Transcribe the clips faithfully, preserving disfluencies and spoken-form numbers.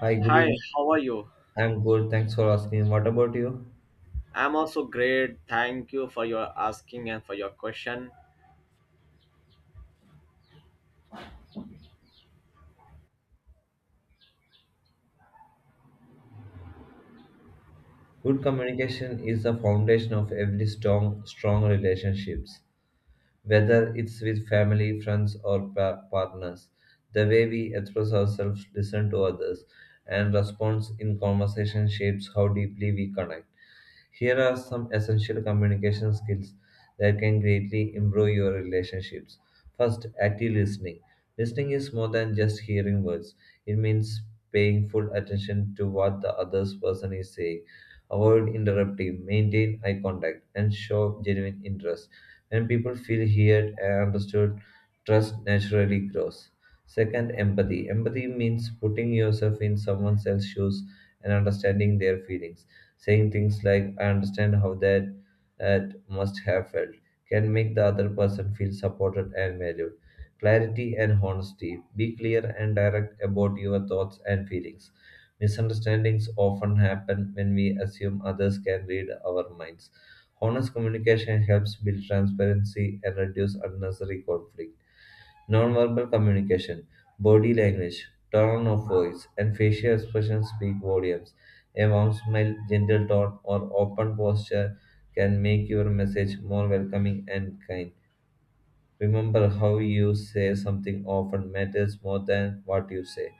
Hi, good Hi, evening. how are you? I'm good. Thanks for asking. What about you? I'm also great. Thank you for your asking and for your question. Good communication is the foundation of every strong, strong relationships. Whether it's with family, friends, or pa- partners. The way we express ourselves, listen to others, and respond in conversation shapes how deeply we connect. Here are some essential communication skills that can greatly improve your relationships. First, active listening. Listening is more than just hearing words, it means paying full attention to what the other person is saying. Avoid interrupting, maintain eye contact, and show genuine interest. When people feel heard and understood, trust naturally grows. Second, empathy. Empathy means putting yourself in someone else's shoes and understanding their feelings. Saying things like, I understand how that, that must have felt, can make the other person feel supported and valued. Clarity and honesty. Be clear and direct about your thoughts and feelings. Misunderstandings often happen when we assume others can read our minds. Honest communication helps build transparency and reduce unnecessary conflict. Nonverbal communication, body language, tone of voice, and facial expressions speak volumes. A warm smile, gentle tone, or open posture can make your message more welcoming and kind. Remember, how you say something often matters more than what you say.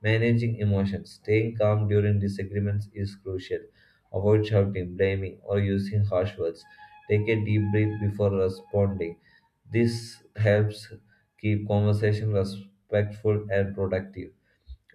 Managing emotions, staying calm during disagreements is crucial. Avoid shouting, blaming, or using harsh words. Take a deep breath before responding. This helps keep conversation respectful and productive.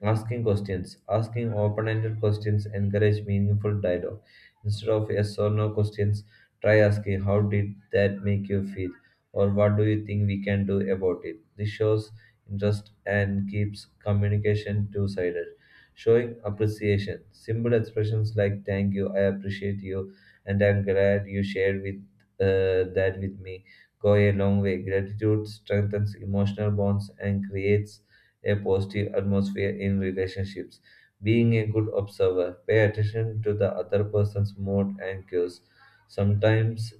Asking questions. Asking open ended questions encourage meaningful dialogue. Instead of yes or no questions, try asking how did that make you feel or what do you think we can do about it. This shows interest and keeps communication two sided. Showing appreciation. Simple expressions like thank you, I appreciate you, and I'm glad you shared with uh, that with me go a long way. Gratitude strengthens emotional bonds and creates a positive atmosphere in relationships. Being a good observer, pay attention to the other person's mood and cues. Sometimes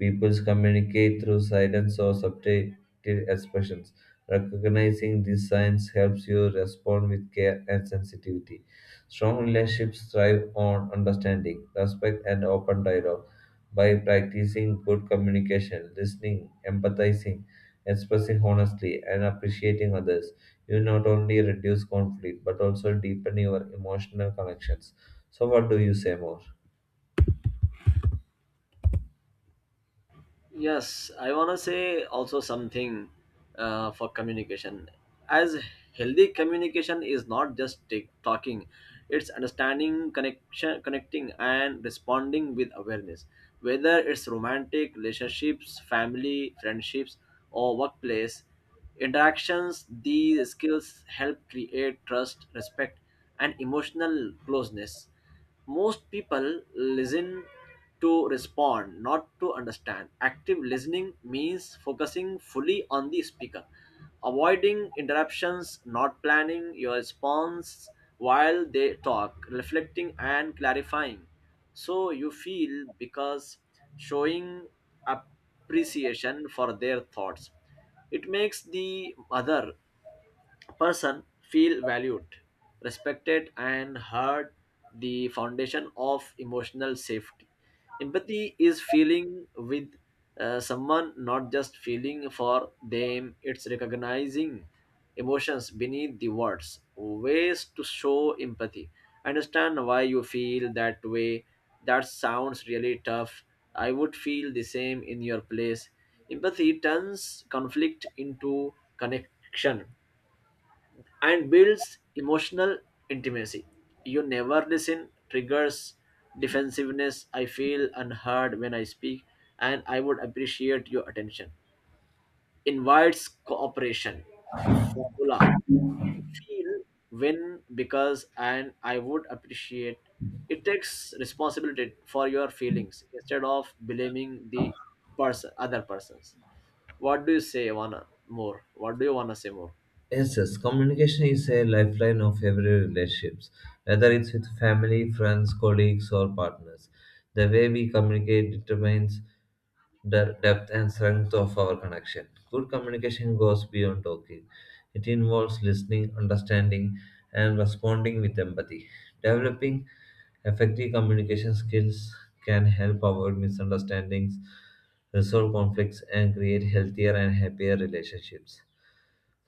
Peoples communicate through silence or subtle expressions. Recognizing these signs helps you respond with care and sensitivity. Strong relationships thrive on understanding, respect, and open dialogue. By practicing good communication, listening, empathizing, expressing honestly, and appreciating others, you not only reduce conflict but also deepen your emotional connections. So, what do you say more? Yes, I want to say also something uh, for communication. As healthy communication is not just take, talking, it's understanding, connection, connecting, and responding with awareness. Whether it's romantic relationships, family, friendships, or workplace interactions. These skills help create trust, respect, and emotional closeness. Most people listen to respond, not to understand. Active listening means focusing fully on the speaker, avoiding interruptions, not planning your response while they talk, reflecting and clarifying. So you feel because showing appreciation for their thoughts. It makes the other person feel valued, respected, and heard, the foundation of emotional safety. Empathy is feeling with uh, someone, not just feeling for them. It's recognizing emotions beneath the words. Ways to show empathy. Understand why you feel that way. That sounds really tough. I would feel the same in your place. Empathy turns conflict into connection and builds emotional intimacy. "You never listen" triggers defensiveness. "I feel unheard when I speak, and I would appreciate your attention" invites cooperation. Formula. Feel win because and I would appreciate. It takes responsibility for your feelings instead of blaming the person, other persons. What do you say, Ivana? More. What do you wanna say more? Yes, yes. Communication is a lifeline of every relationships, whether it's with family, friends, colleagues, or partners. The way we communicate determines the depth and strength of our connection. Good communication goes beyond talking; it involves listening, understanding, and responding with empathy. Developing effective communication skills can help avoid misunderstandings, resolve conflicts, and create healthier and happier relationships.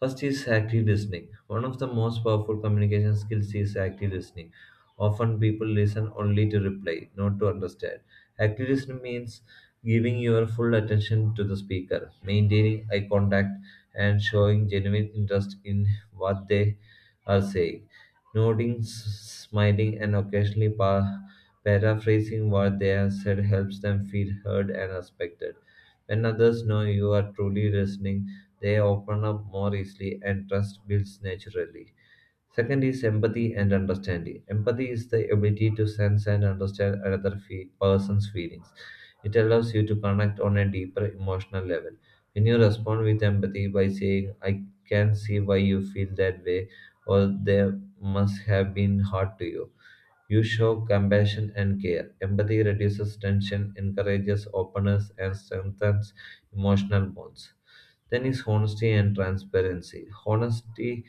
First is active listening. One of the most powerful communication skills is active listening. Often people listen only to reply, not to understand. Active listening means giving your full attention to the speaker, maintaining eye contact, and showing genuine interest in what they are saying. Nodding, s- smiling, and occasionally pa- paraphrasing what they have said helps them feel heard and respected. When others know you are truly listening, they open up more easily and trust builds naturally. Second is empathy and understanding. Empathy is the ability to sense and understand another fe- person's feelings. It allows you to connect on a deeper emotional level. When you respond with empathy by saying, I can see why you feel that way, or they must have been hard to you, you show compassion and care. Empathy reduces tension, encourages openness, and strengthens emotional bonds. Then is honesty and transparency. Honesty,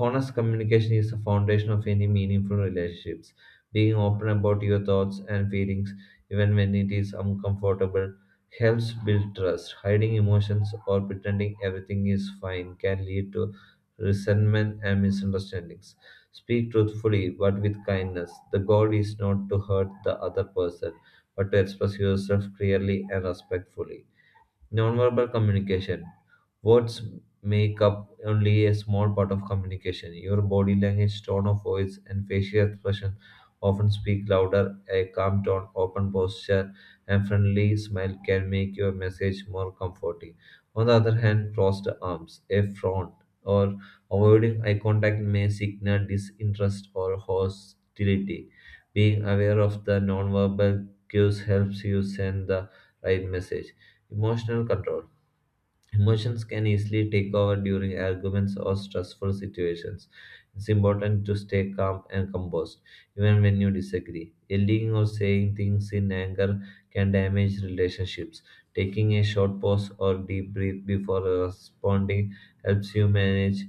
honest communication is the foundation of any meaningful relationships. Being open about your thoughts and feelings, even when it is uncomfortable, helps build trust. Hiding emotions or pretending everything is fine can lead to resentment and misunderstandings. Speak truthfully but with kindness. The goal is not to hurt the other person, but to express yourself clearly and respectfully. Nonverbal communication. Words make up only a small part of communication. Your body language, tone of voice, and facial expression often speak louder. A calm tone, open posture, and friendly smile can make your message more comforting. On the other hand, crossed arms, a frown, or avoiding eye contact may signal disinterest or hostility. Being aware of the nonverbal cues helps you send the right message. Emotional control. Emotions can easily take over during arguments or stressful situations. It's important to stay calm and composed, even when you disagree. Yelling or saying things in anger can damage relationships. Taking a short pause or deep breath before responding helps you manage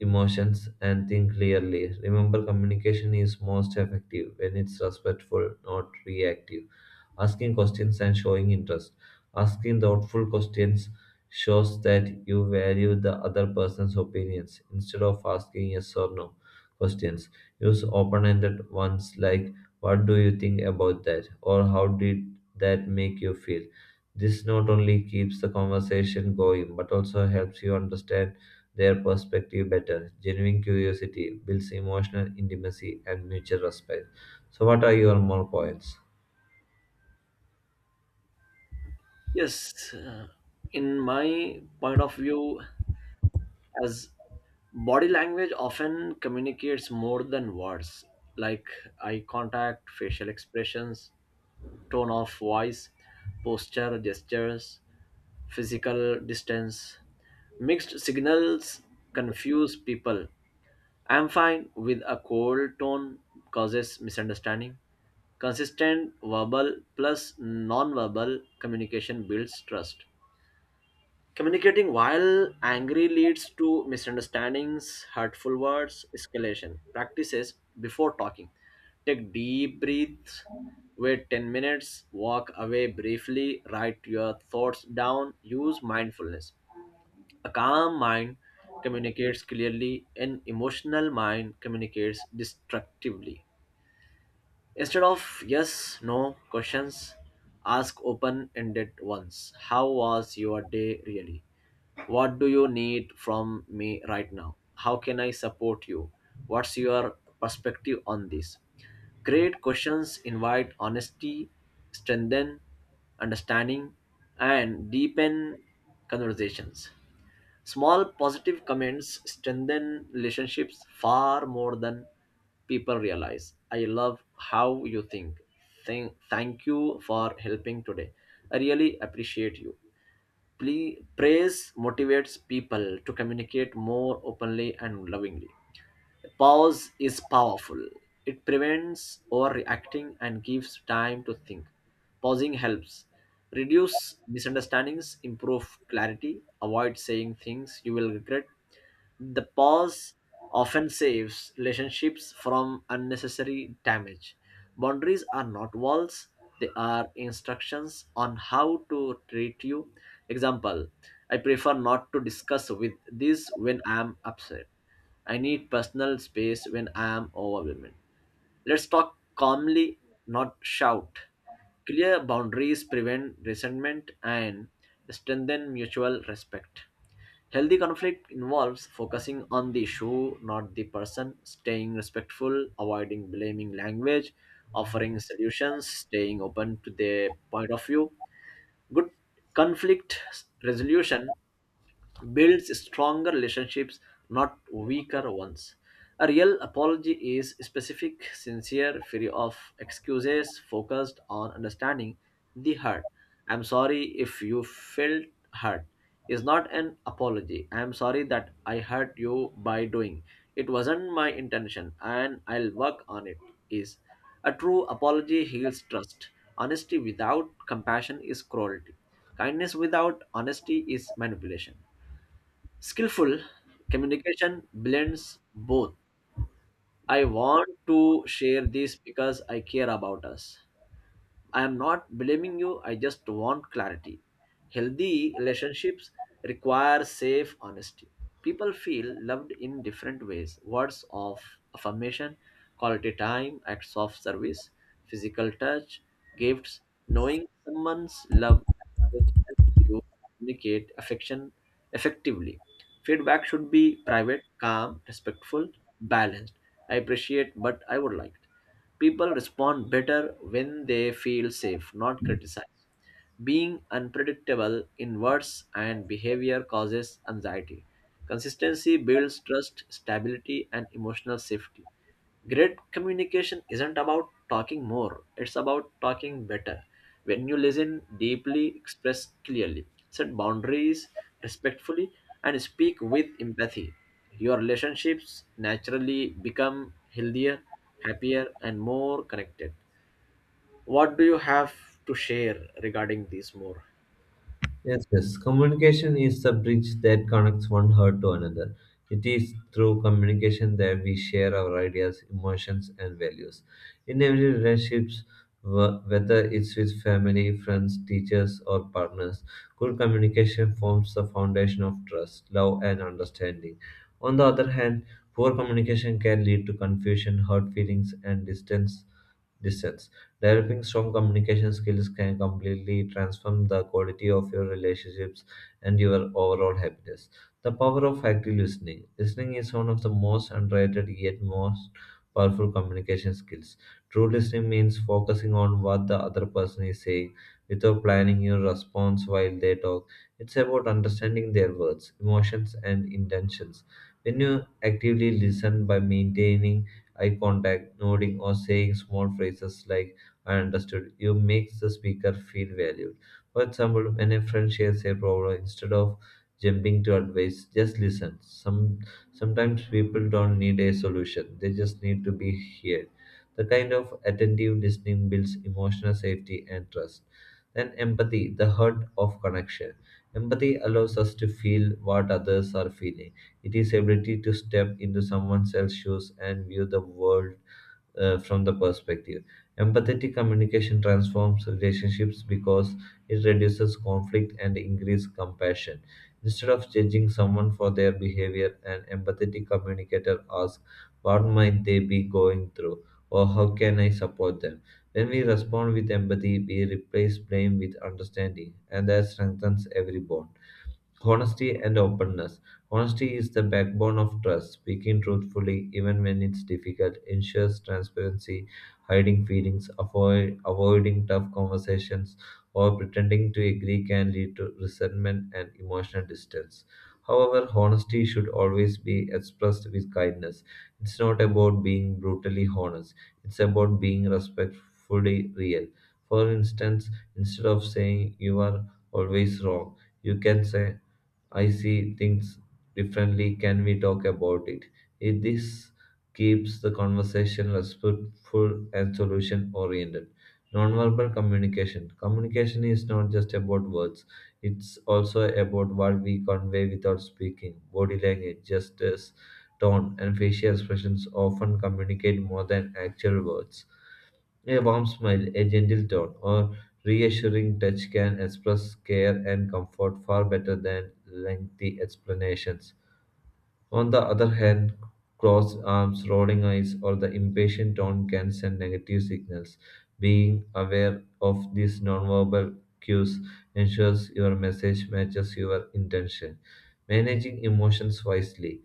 emotions and think clearly. Remember, communication is most effective when it's respectful, not reactive. Asking questions and showing interest. Asking thoughtful questions shows that you value the other person's opinions instead of asking yes or no questions. Use open ended ones like, what do you think about that? Or how did that make you feel? This not only keeps the conversation going but also helps you understand their perspective better. Genuine curiosity builds emotional intimacy and mutual respect. So, what are your more points? Yes, uh, in my point of view, as body language often communicates more than words, like eye contact, facial expressions, tone of voice, posture, gestures, physical distance. Mixed signals confuse people. "I'm fine" with a cold tone causes misunderstanding. Consistent verbal plus non-verbal communication builds trust. Communicating while angry leads to misunderstandings, hurtful words, escalation. Practices before talking. Take deep breaths, wait ten minutes, walk away briefly, write your thoughts down, use mindfulness. A calm mind communicates clearly, an emotional mind communicates destructively. Instead of yes, no questions, ask open ended ones. How was your day really? What do you need from me right now? How can I support you? What's your perspective on this? Great questions invite honesty, strengthen understanding, and deepen conversations. Small positive comments strengthen relationships far more than people realize. I love how you think. Thank, thank you for helping today. I really appreciate you. Please, praise motivates people to communicate more openly and lovingly. Pause is powerful. It prevents overreacting and gives time to think. Pausing helps reduce misunderstandings, improve clarity, avoid saying things you will regret. The pause often saves relationships from unnecessary damage. Boundaries are not walls, they are instructions on how to treat you. Example: I prefer not to discuss with this when I am upset. I need personal space when I am overwhelmed. Let's talk calmly, not shout. Clear boundaries prevent resentment and strengthen mutual respect. Healthy conflict involves focusing on the issue, not the person, staying respectful, avoiding blaming language, offering solutions, staying open to their point of view. Good conflict resolution builds stronger relationships, not weaker ones. A real apology is specific, sincere, free of excuses, focused on understanding the hurt. "I'm sorry if you felt hurt" is not an apology. "I'm sorry that I hurt you by doing. It wasn't my intention and I'll work on it" is a true apology. Heals trust. Honesty without compassion is cruelty. Kindness without honesty is manipulation. Skillful communication blends both. I want to share this because I care about us. I am not blaming you, I just want clarity. Healthy relationships require safe honesty. People feel loved in different ways: words of affirmation, quality time, acts of service, physical touch, gifts. Knowing someone's love language helps you communicate affection effectively. Feedback should be private, calm, respectful, balanced. I appreciate, but I would like. People respond better when they feel safe, not criticized. Being unpredictable in words and behavior causes anxiety. Consistency builds trust, stability, and emotional safety. Great communication isn't about talking more, it's about talking better. When you listen deeply, express clearly, set boundaries respectfully, and speak with empathy, your relationships naturally become healthier, happier, and more connected. What do you have to share regarding this more? Yes, yes. Communication is the bridge that connects one heart to another. It is through communication that we share our ideas, emotions, and values. In every relationships, wh- whether it's with family, friends, teachers, or partners, good communication forms the foundation of trust, love, and understanding. On the other hand, poor communication can lead to confusion, hurt feelings, and distance. Distance. Developing strong communication skills can completely transform the quality of your relationships and your overall happiness. The power of active listening. Listening is one of the most underrated yet most powerful communication skills. True listening means focusing on what the other person is saying without planning your response while they talk. It's about understanding their words, emotions, and intentions. When you actively listen by maintaining eye contact, nodding, or saying small phrases like are understood. You make the speaker feel valued. For example, when a friend shares a problem, instead of jumping to advice, just listen. Some sometimes people don't need a solution; they just need to be heard. The kind of attentive listening builds emotional safety and trust. Then empathy, the heart of connection. Empathy allows us to feel what others are feeling. It is ability to step into someone else's shoes and view the world uh, from the perspective. Empathetic communication transforms relationships because it reduces conflict and increases compassion. Instead of judging someone for their behavior, an empathetic communicator asks, what might they be going through? Or how can I support them? When we respond with empathy, we replace blame with understanding, and that strengthens every bond. Honesty and openness. Honesty is the backbone of trust. Speaking truthfully, even when it's difficult, ensures transparency, hiding feelings, avoid, avoiding tough conversations, or pretending to agree can lead to resentment and emotional distance. However, honesty should always be expressed with kindness. It's not about being brutally honest, it's about being respectfully real. For instance, instead of saying you are always wrong, you can say, I see things differently. Can we talk about it? It this keeps the conversation respectful and solution oriented. Nonverbal communication. Communication is not just about words, it's also about what we convey without speaking. Body language, gestures, tone, and facial expressions often communicate more than actual words. A warm smile, a gentle tone, or reassuring touch can express care and comfort far better than lengthy explanations. On the other hand, crossed arms, rolling eyes, or the impatient tone can send negative signals. Being aware of these nonverbal cues ensures your message matches your intention. Managing emotions wisely.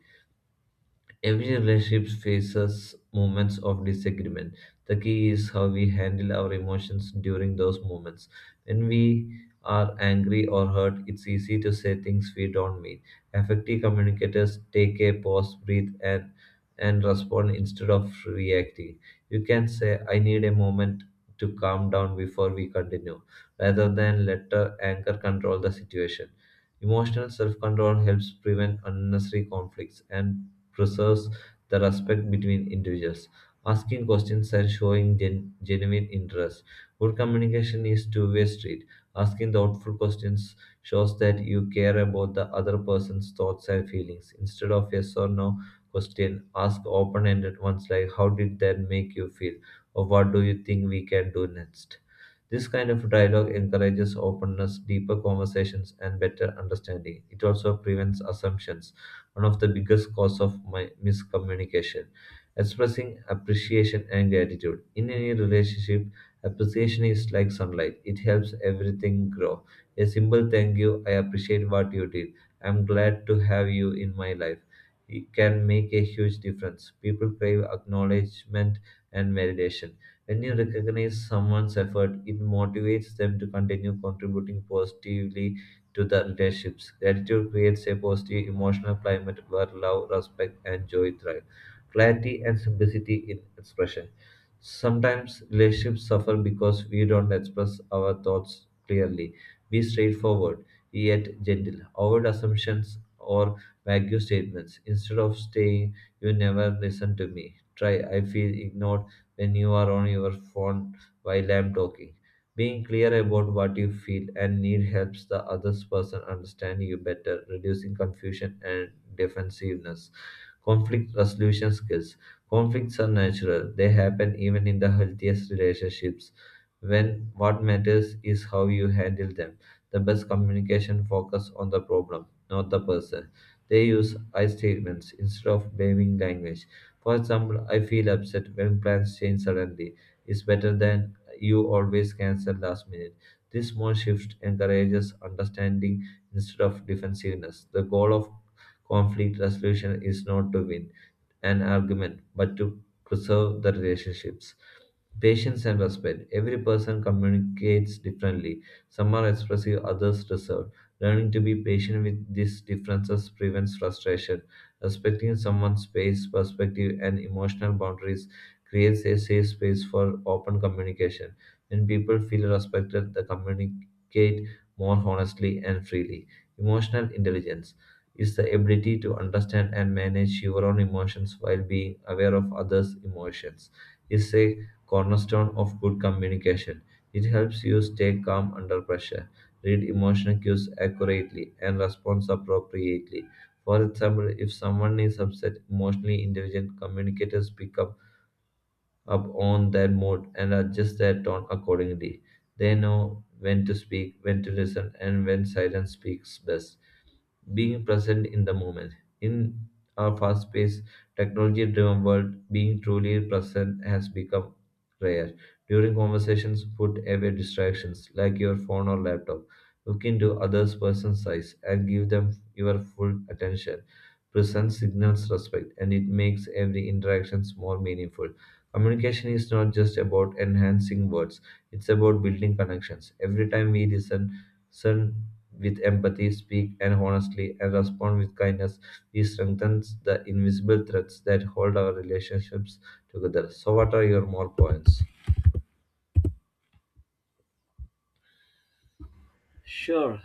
Every relationship faces moments of disagreement. The key is how we handle our emotions during those moments. When we are angry or hurt, it's easy to say things we don't mean. Effective communicators take a pause, breathe, and and respond instead of reacting. You can say, "I need a moment to calm down before we continue," rather than let the anger control the situation. Emotional self control helps prevent unnecessary conflicts and preserves the respect between individuals. Asking questions and showing gen- genuine interest. Good communication is two-way street. Asking thoughtful questions shows that you care about the other person's thoughts and feelings. Instead of yes or no question, ask open-ended ones like how did that make you feel or what do you think we can do next. This kind of dialogue encourages openness, deeper conversations, and better understanding. It also prevents assumptions one of the biggest cause of my miscommunication. Expressing appreciation and gratitude. In any relationship, appreciation is like sunlight. It helps everything grow. A simple thank you, I appreciate what you did. I'm glad to have you in my life. It can make a huge difference. People crave acknowledgement and validation. When you recognize someone's effort, it motivates them to continue contributing positively to the relationships. Gratitude creates a positive emotional climate where love, respect, and joy thrive. Clarity and simplicity in expression. Sometimes relationships suffer because we don't express our thoughts clearly. Be straightforward, yet gentle. Avoid assumptions or vague statements. Instead of saying, "You never listen to me," try, "I feel ignored when you are on your phone while I'm talking." Being clear about what you feel and need helps the other person understand you better, reducing confusion and defensiveness. Conflict resolution skills. Conflicts are natural, they happen even in the healthiest relationships. When what matters is how you handle them. The best communication focus on the problem, not the person. They use I statements instead of blaming language. For example, "I feel upset when plans change suddenly" is better than "you always cancel last minute." This small shift encourages understanding instead of defensiveness. The goal of conflict resolution is not to win an argument, but to preserve the relationships. Patience and respect. Every person communicates differently. Some are expressive, others reserved. Learning to be patient with these differences prevents frustration. Respecting someone's space, perspective, and emotional boundaries creates a safe space for open communication. When people feel respected, they communicate more honestly and freely. Emotional intelligence is the ability to understand and manage your own emotions while being aware of others' emotions. It's a cornerstone of good communication. It helps you stay calm under pressure, read emotional cues accurately, and respond appropriately. For example, if someone is upset, emotionally intelligent communicators pick up, up on their mood and adjust their tone accordingly. They know when to speak, when to listen, and when silence speaks best being present in the moment. In our fast paced, technology driven world, being truly present has become rare. During conversations, put away distractions like your phone or laptop. Look into others person's eyes and give them your full attention. Presence signals respect and it makes every interaction more meaningful. Communication is not just about enhancing words, it's about building connections. Every time we listen, listen with empathy, speak and honestly, and respond with kindness, we strengthen the invisible threads that hold our relationships together. So, what are your more points? Sure.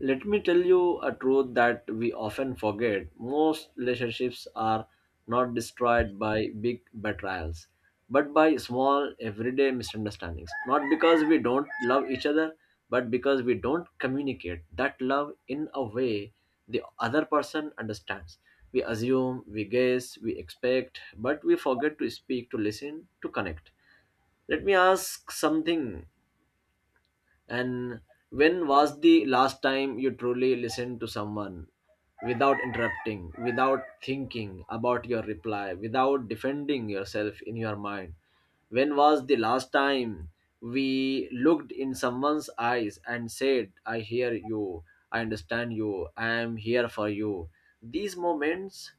Let me tell you a truth that we often forget. Most relationships are not destroyed by big betrayals, but by small everyday misunderstandings. Not because we don't love each other, but because we don't communicate that love in a way the other person understands. We assume, we guess, we expect, but we forget to speak, to listen, to connect. Let me ask something, and when was the last time you truly listened to someone without interrupting, without thinking about your reply, without defending yourself in your mind? When was the last time we looked in someone's eyes and said, "I hear you, I understand you, I am here for you"? These moments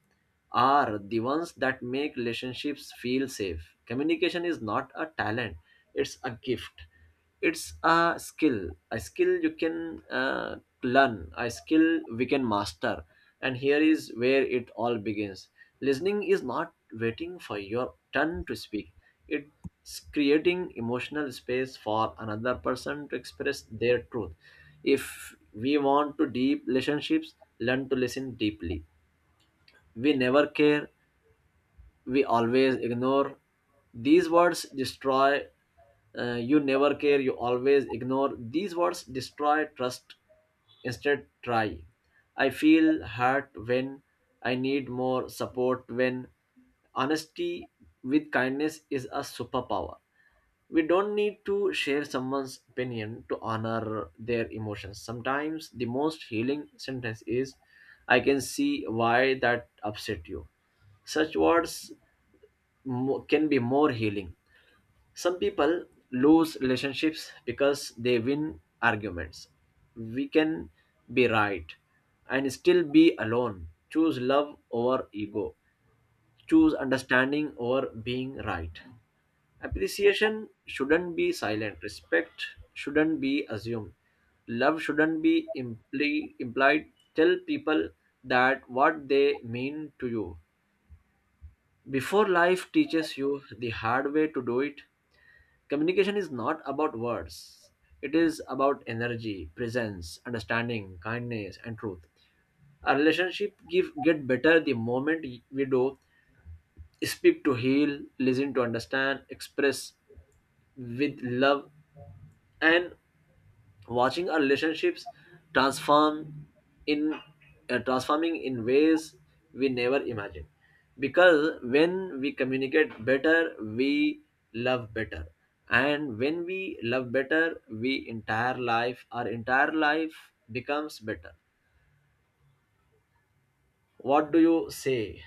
are the ones that make relationships feel safe. Communication is not a talent, it's a gift. It's a skill, a skill you can uh, learn, a skill we can master. And here is where it all begins. Listening is not waiting for your turn to speak, it's creating emotional space for another person to express their truth. If we want to deep relationships, learn to listen deeply. "We never care, we always ignore." These words destroy. Uh, you never care. You always ignore. These words destroy trust. Instead, try. I feel hurt when I need more support. When honesty with kindness is a superpower. We don't need to share someone's opinion to honor their emotions. Sometimes the most healing sentence is, "I can see why that upset you." Such words mo- can be more healing. Some people lose relationships because they win arguments. We can be right and still be alone. Choose love over ego. Choose understanding over being right. Appreciation shouldn't be silent. Respect shouldn't be assumed. Love shouldn't be impli- implied. Tell people that what they mean to you before life teaches you the hard way to do it. Communication is not about words. It is about energy, presence, understanding, kindness, and truth. Our relationship give, get better the moment we do speak to heal, listen to understand, express with love, and watching our relationships transform in uh, transforming in ways we never imagined, because when we communicate better, we love better, and when we love better, we entire life our entire life becomes better. What do you say,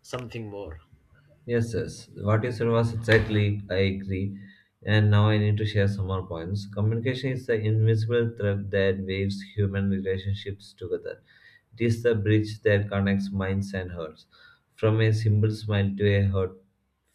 something more? Yes, yes. What you said was exactly, I agree. And now I need to share some more points. Communication is the invisible thread that weaves human relationships together. It is the bridge that connects minds and hearts. From a simple smile to a heartfelt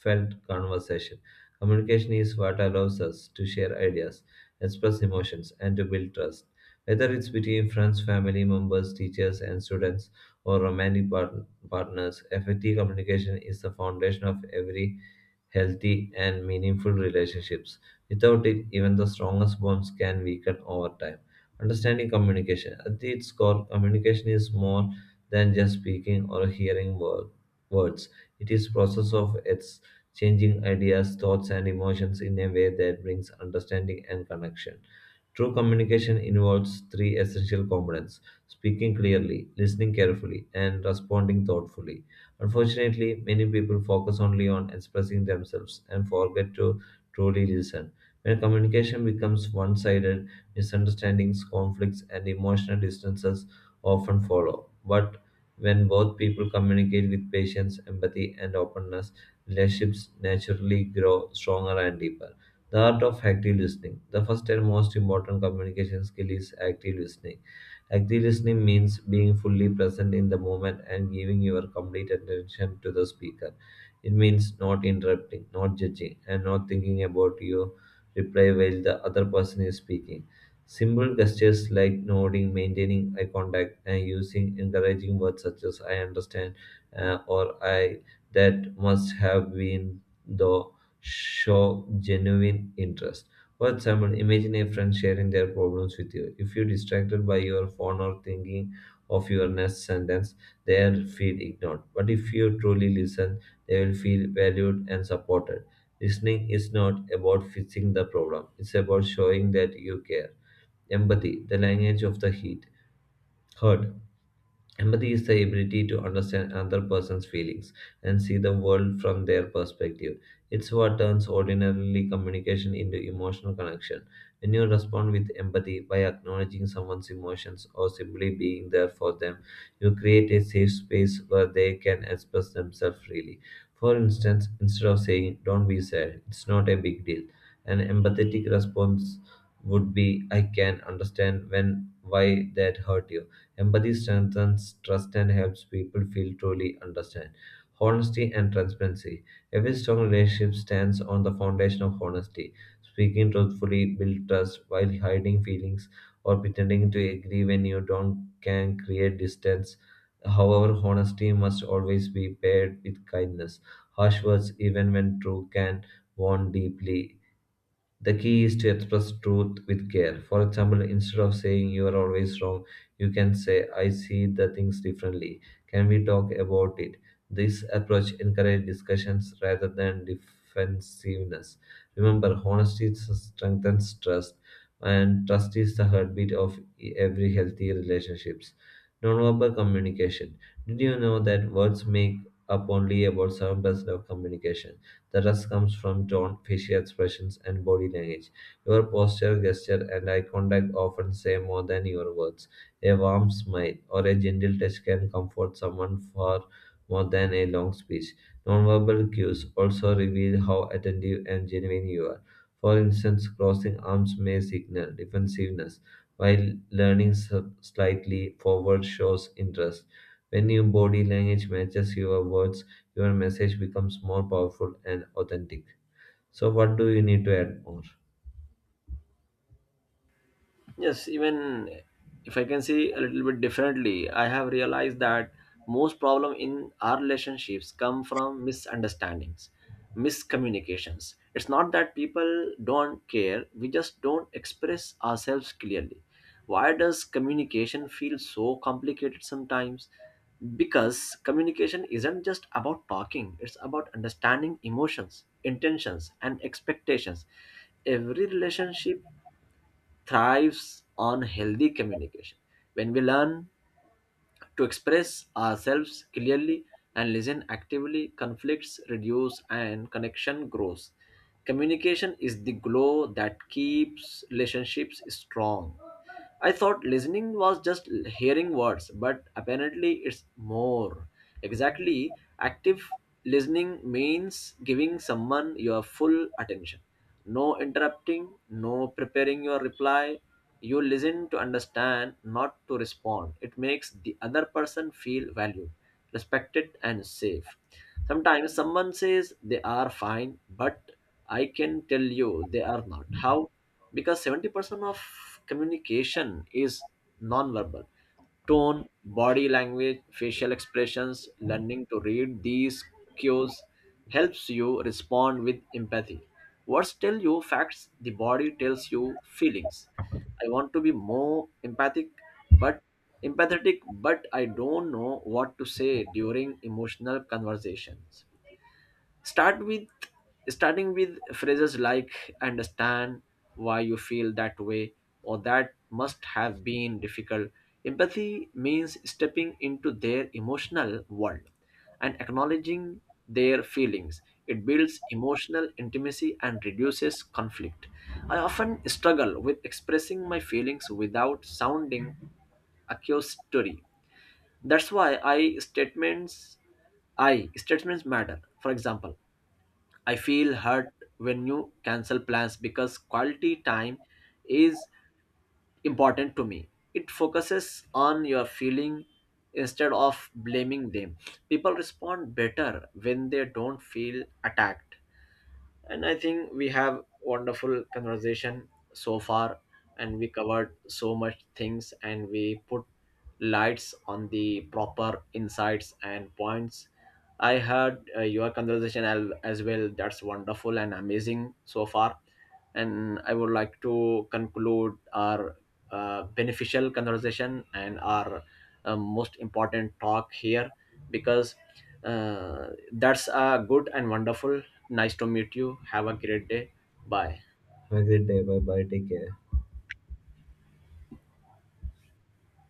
heartfelt conversation. Communication is what allows us to share ideas, express emotions, and to build trust. Whether it's between friends, family members, teachers, and students, or romantic part- partners, effective communication is the foundation of every healthy and meaningful relationships. Without it, even the strongest bonds can weaken over time. Understanding communication. At its core, communication is more than just speaking or hearing word, words. It is process of exchanging ideas, thoughts and emotions in a way that brings understanding and connection. True communication involves three essential components speaking clearly, listening carefully, and responding thoughtfully. Unfortunately, many people focus only on expressing themselves and forget to truly listen. When communication becomes one sided, misunderstandings, conflicts, and emotional distances often follow. But when both people communicate with patience, empathy, and openness, relationships naturally grow stronger and deeper. The art of active listening. The first and most important communication skill is active listening. Active listening means being fully present in the moment and giving your complete attention to the speaker. It means not interrupting, not judging, and not thinking about your reply while the other person is speaking. Simple gestures like nodding, maintaining eye contact, and using encouraging words such as "I understand" uh, or "I that must have been the" show genuine interest. For example, imagine a friend sharing their problems with you. If you're distracted by your phone or thinking of your next sentence, they'll feel ignored. But if you truly listen, they will feel valued and supported. Listening is not about fixing the problem, it's about showing that you care. Empathy, the language of the heat. Hurt, Empathy is the ability to understand another person's feelings and see the world from their perspective. It's what turns ordinarily communication into emotional connection. When you respond with empathy by acknowledging someone's emotions or simply being there for them, you create a safe space where they can express themselves freely. For instance, instead of saying, "Don't be sad, it's not a big deal," an empathetic response would be, "I can understand when why that hurt you." Empathy strengthens trust and helps people feel truly understood. Honesty and transparency. Every strong relationship stands on the foundation of honesty. Speaking truthfully builds trust while hiding feelings or pretending to agree when you don't can create distance. However, honesty must always be paired with kindness. Harsh words, even when true, can wound deeply the key is to express truth with care. For example, instead of saying "you are always wrong," you can say "I see the things differently. Can we talk about it?" This approach encourages discussions rather than defensiveness. Remember, honesty strengthens trust, and trust is the heartbeat of every healthy relationships. Nonverbal communication. Did you know that words make up only about seven percent of communication? The trust comes from tone, facial expressions, and body language. Your posture, gesture, and eye contact often say more than your words. A warm smile or a gentle touch can comfort someone far more than a long speech. Nonverbal cues also reveal how attentive and genuine you are. For instance, crossing arms may signal defensiveness, while leaning s- slightly forward shows interest. When your body language matches your words, your message becomes more powerful and authentic. So, what do you need to add more? Yes, even if I can see a little bit differently, I have realized that most problem in our relationships come from misunderstandings, miscommunications. It's not that people don't care, we just don't express ourselves clearly. Why does communication feel so complicated sometimes? Because communication isn't just about talking, it's about understanding emotions, intentions, and expectations. Every relationship thrives on healthy communication. When we learn to express ourselves clearly and listen actively, conflicts reduce and connection grows. Communication is the glow that keeps relationships strong. I thought listening was just hearing words, but apparently it's more. Exactly, active listening means giving someone your full attention, no interrupting, no preparing your reply. You listen to understand, not to respond. It makes the other person feel valued, respected, and safe. Sometimes someone says they are fine, but I can tell you they are not. How? Because seventy percent of communication is non-verbal. Tone, body language, facial expressions, learning to read these cues helps you respond with empathy. Words tell you facts, the body tells you feelings. I want to be more empathic, but empathetic, but I don't know what to say during emotional conversations. Start with Starting with phrases like "understand why you feel that way" or "that must have been difficult." Empathy means stepping into their emotional world and acknowledging their feelings. It builds emotional intimacy and reduces conflict. I often struggle with expressing my feelings without sounding accusatory. That's why I statements I statements matter. For example, I feel hurt when you cancel plans because quality time is important to me. It focuses on your feeling instead of blaming them. People respond better when they don't feel attacked. And I think we have wonderful conversation so far, and we covered so much things, and we put lights on the proper insights and points. I heard uh, your conversation al- as well. That's wonderful and amazing so far, and I would like to conclude our uh, beneficial conversation and our uh, most important talk here, because uh, that's uh, good and wonderful. Nice to meet you. Have a great day. Bye. Have a great day. Bye bye. Take care.